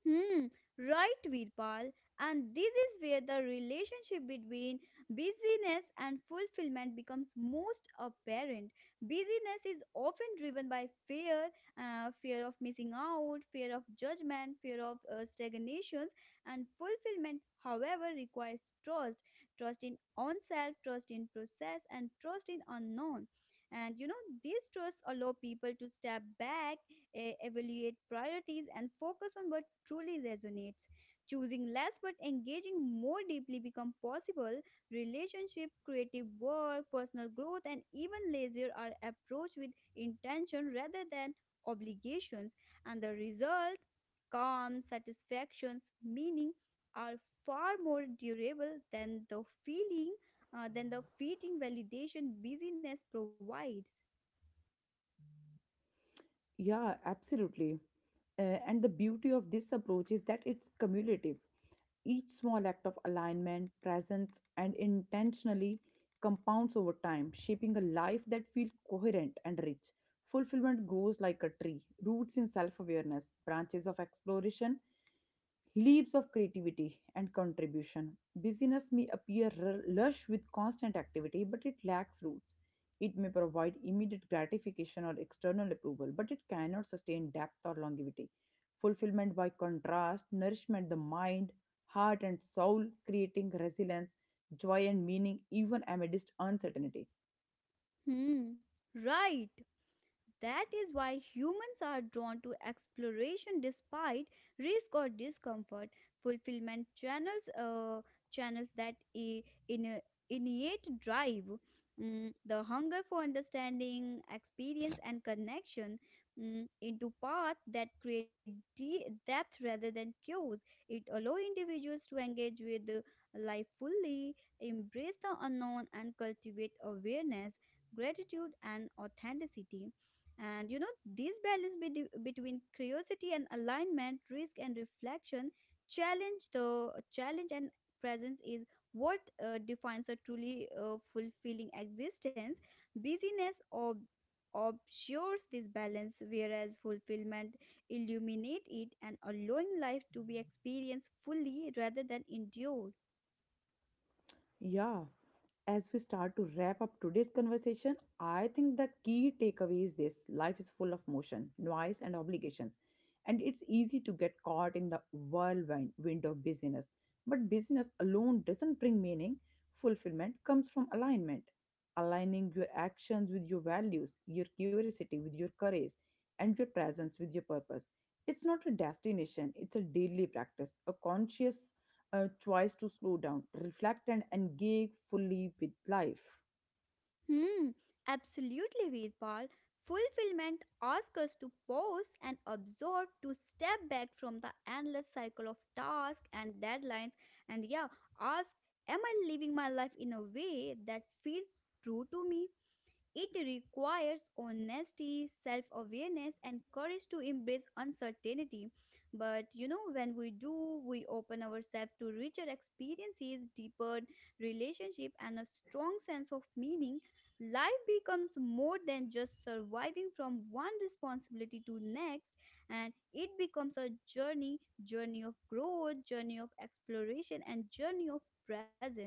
Speaker 2: Hmm, right, Virpal. And this is where the relationship between busyness and fulfillment becomes most apparent. Busyness is often driven by fear, fear of missing out, fear of judgment, fear of stagnations, and fulfillment, however, requires trust, trust in oneself, trust in process, and trust in unknown. And you know, these trusts allow people to step back, evaluate priorities, and focus on what truly resonates. Choosing less but engaging more deeply become possible. Relationship, creative work, personal growth, and even leisure are approached with intention rather than obligations, and the result, calm, satisfactions, meaning, are far more durable than the feeling than the fleeting validation busyness provides.
Speaker 1: Yeah, absolutely. And the beauty of this approach is that it's cumulative. Each small act of alignment, presence, and intentionally compounds over time, shaping a life that feels coherent and rich. Fulfillment grows like a tree, roots in self awareness, branches of exploration, leaves of creativity and contribution. Business may appear lush with constant activity, but it lacks roots. It may provide immediate gratification or external approval, but it cannot sustain depth or longevity. Fulfillment, by contrast, nourishment the mind, heart, and soul, creating resilience, joy, and meaning even amidst uncertainty.
Speaker 2: Hmm. Right. That is why humans are drawn to exploration despite risk or discomfort. Fulfillment channels channels that I- in a innate drive, mm, the hunger for understanding, experience, and connection, mm, into paths that create depth rather than chaos. It allows individuals to engage with life fully, embrace the unknown, and cultivate awareness, gratitude, and authenticity. And you know, this balance between curiosity and alignment, risk and reflection, challenge the challenge and presence is what defines a truly fulfilling existence. Busyness ob- obscures this balance, whereas fulfillment illuminate it and allowing life to be experienced fully rather than endured.
Speaker 1: Yeah. As we start to wrap up today's conversation, I think the key takeaway is this: life is full of motion, noise, and obligations. And it's easy to get caught in the whirlwind wind of busyness. But business alone doesn't bring meaning. Fulfillment comes from alignment, aligning your actions with your values, your curiosity with your courage, and your presence with your purpose. It's not a destination, it's a daily practice, a conscious a choice to slow down, reflect, and engage fully with life.
Speaker 2: Hmm, absolutely, Veerpal. Fulfillment asks us to pause and observe, to step back from the endless cycle of tasks and deadlines, and yeah, ask, am I living my life in a way that feels true to me? It requires honesty, self awareness, and courage to embrace uncertainty. But you know, when we do, we open ourselves to richer experiences, deeper relationship, and a strong sense of meaning. Life becomes more than just surviving from one responsibility to next, and it becomes a journey, of growth, journey of exploration, and journey of presence.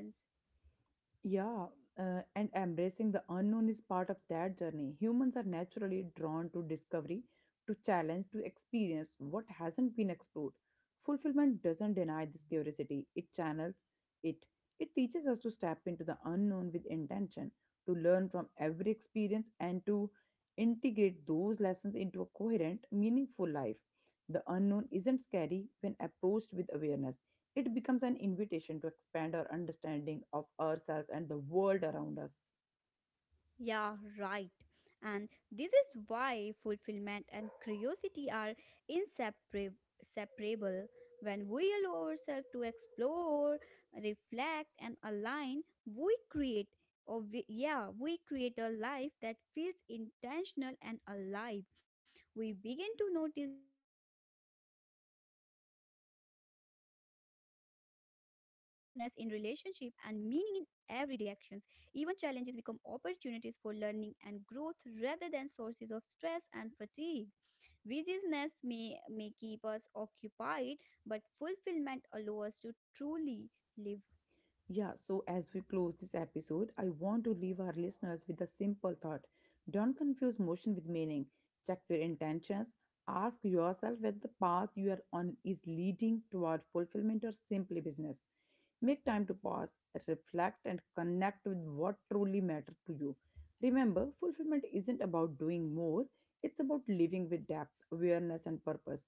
Speaker 1: Yeah, and embracing the unknown is part of that journey. Humans are naturally drawn to discovery, to challenge, to experience what hasn't been explored. Fulfillment doesn't deny this curiosity, it channels it. It teaches us to step into the unknown with intention, to learn from every experience, and to integrate those lessons into a coherent, meaningful life. The unknown isn't scary when approached with awareness. It becomes an invitation to expand our understanding of ourselves and the world around us.
Speaker 2: Yeah, right. And this is why fulfillment and curiosity are inseparable. Separable. When we allow ourselves to explore, reflect, and align, we create, or we, yeah, we create a life that feels intentional and alive. We begin to notice beauty in ordinary moments, uh, richness in relationship and meaning in everyday actions. Even challenges become opportunities for learning and growth rather than sources of stress and fatigue. Busyness may keep us occupied, but fulfillment allows us to truly live.
Speaker 1: Yeah, so as we close this episode, I want to leave our listeners with a simple thought. Don't confuse motion with meaning. Check your intentions. Ask yourself whether the path you are on is leading toward fulfillment or simply business. Make time to pause, reflect, and connect with what truly matters to you. Remember, fulfillment isn't about doing more, it's about living with depth, awareness, and purpose.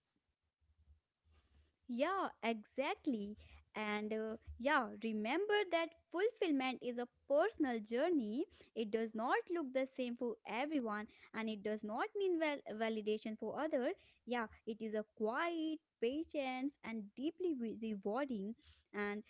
Speaker 2: Yeah, exactly. And yeah, remember that fulfillment is a personal journey. It does not look the same for everyone and it does not mean validation for others. Yeah, it is a quiet, patience and deeply rewarding and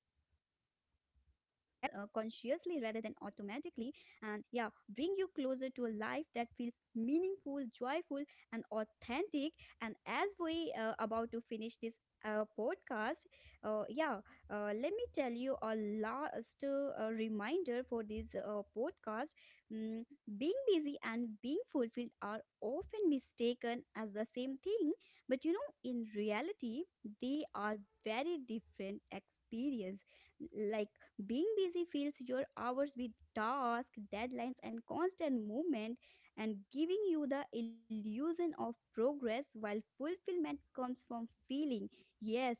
Speaker 2: consciously rather than automatically, and yeah, bring you closer to a life that feels meaningful, joyful and authentic. And as we about to finish this podcast, uh, yeah let me tell you a last reminder for this podcast. Mm, being busy and being fulfilled are often mistaken as the same thing, but you know in reality they are very different experience. Like, being busy fills your hours with tasks, deadlines and constant movement, and giving you the illusion of progress, while fulfillment comes from feeling, yes,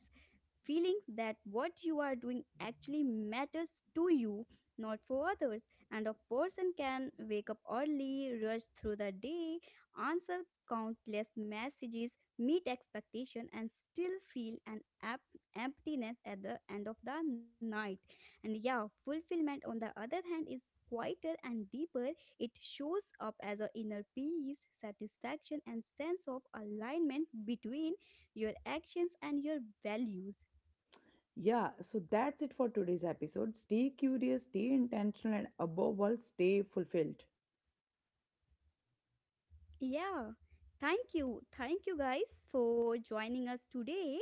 Speaker 2: feelings that what you are doing actually matters to you, not for others. And a person can wake up early, rush through the day, answer countless messages, meet expectation, and still feel emptiness at the end of the night. And yeah, fulfillment on the other hand is quieter and deeper. It shows up as an inner peace, satisfaction, and sense of alignment between your actions and your values.
Speaker 1: Yeah, so that's it for today's episode. Stay curious, stay intentional, and above all, stay fulfilled.
Speaker 2: Yeah, thank you. Thank you guys for joining us today.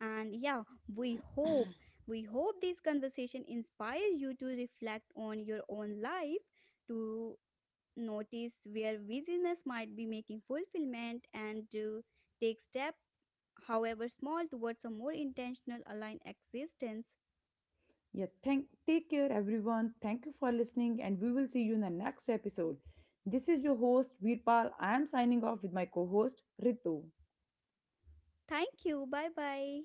Speaker 2: And yeah, we hope we hope this conversation inspire you to reflect on your own life, to notice where busyness might be making fulfillment and to take step however small towards a more intentional aligned existence.
Speaker 1: Yeah, thank take care everyone. Thank you for listening, and we will see you in the next episode. This is your host, Veerpal. I am signing off with my co-host Ritu.
Speaker 2: Thank you. Bye-bye.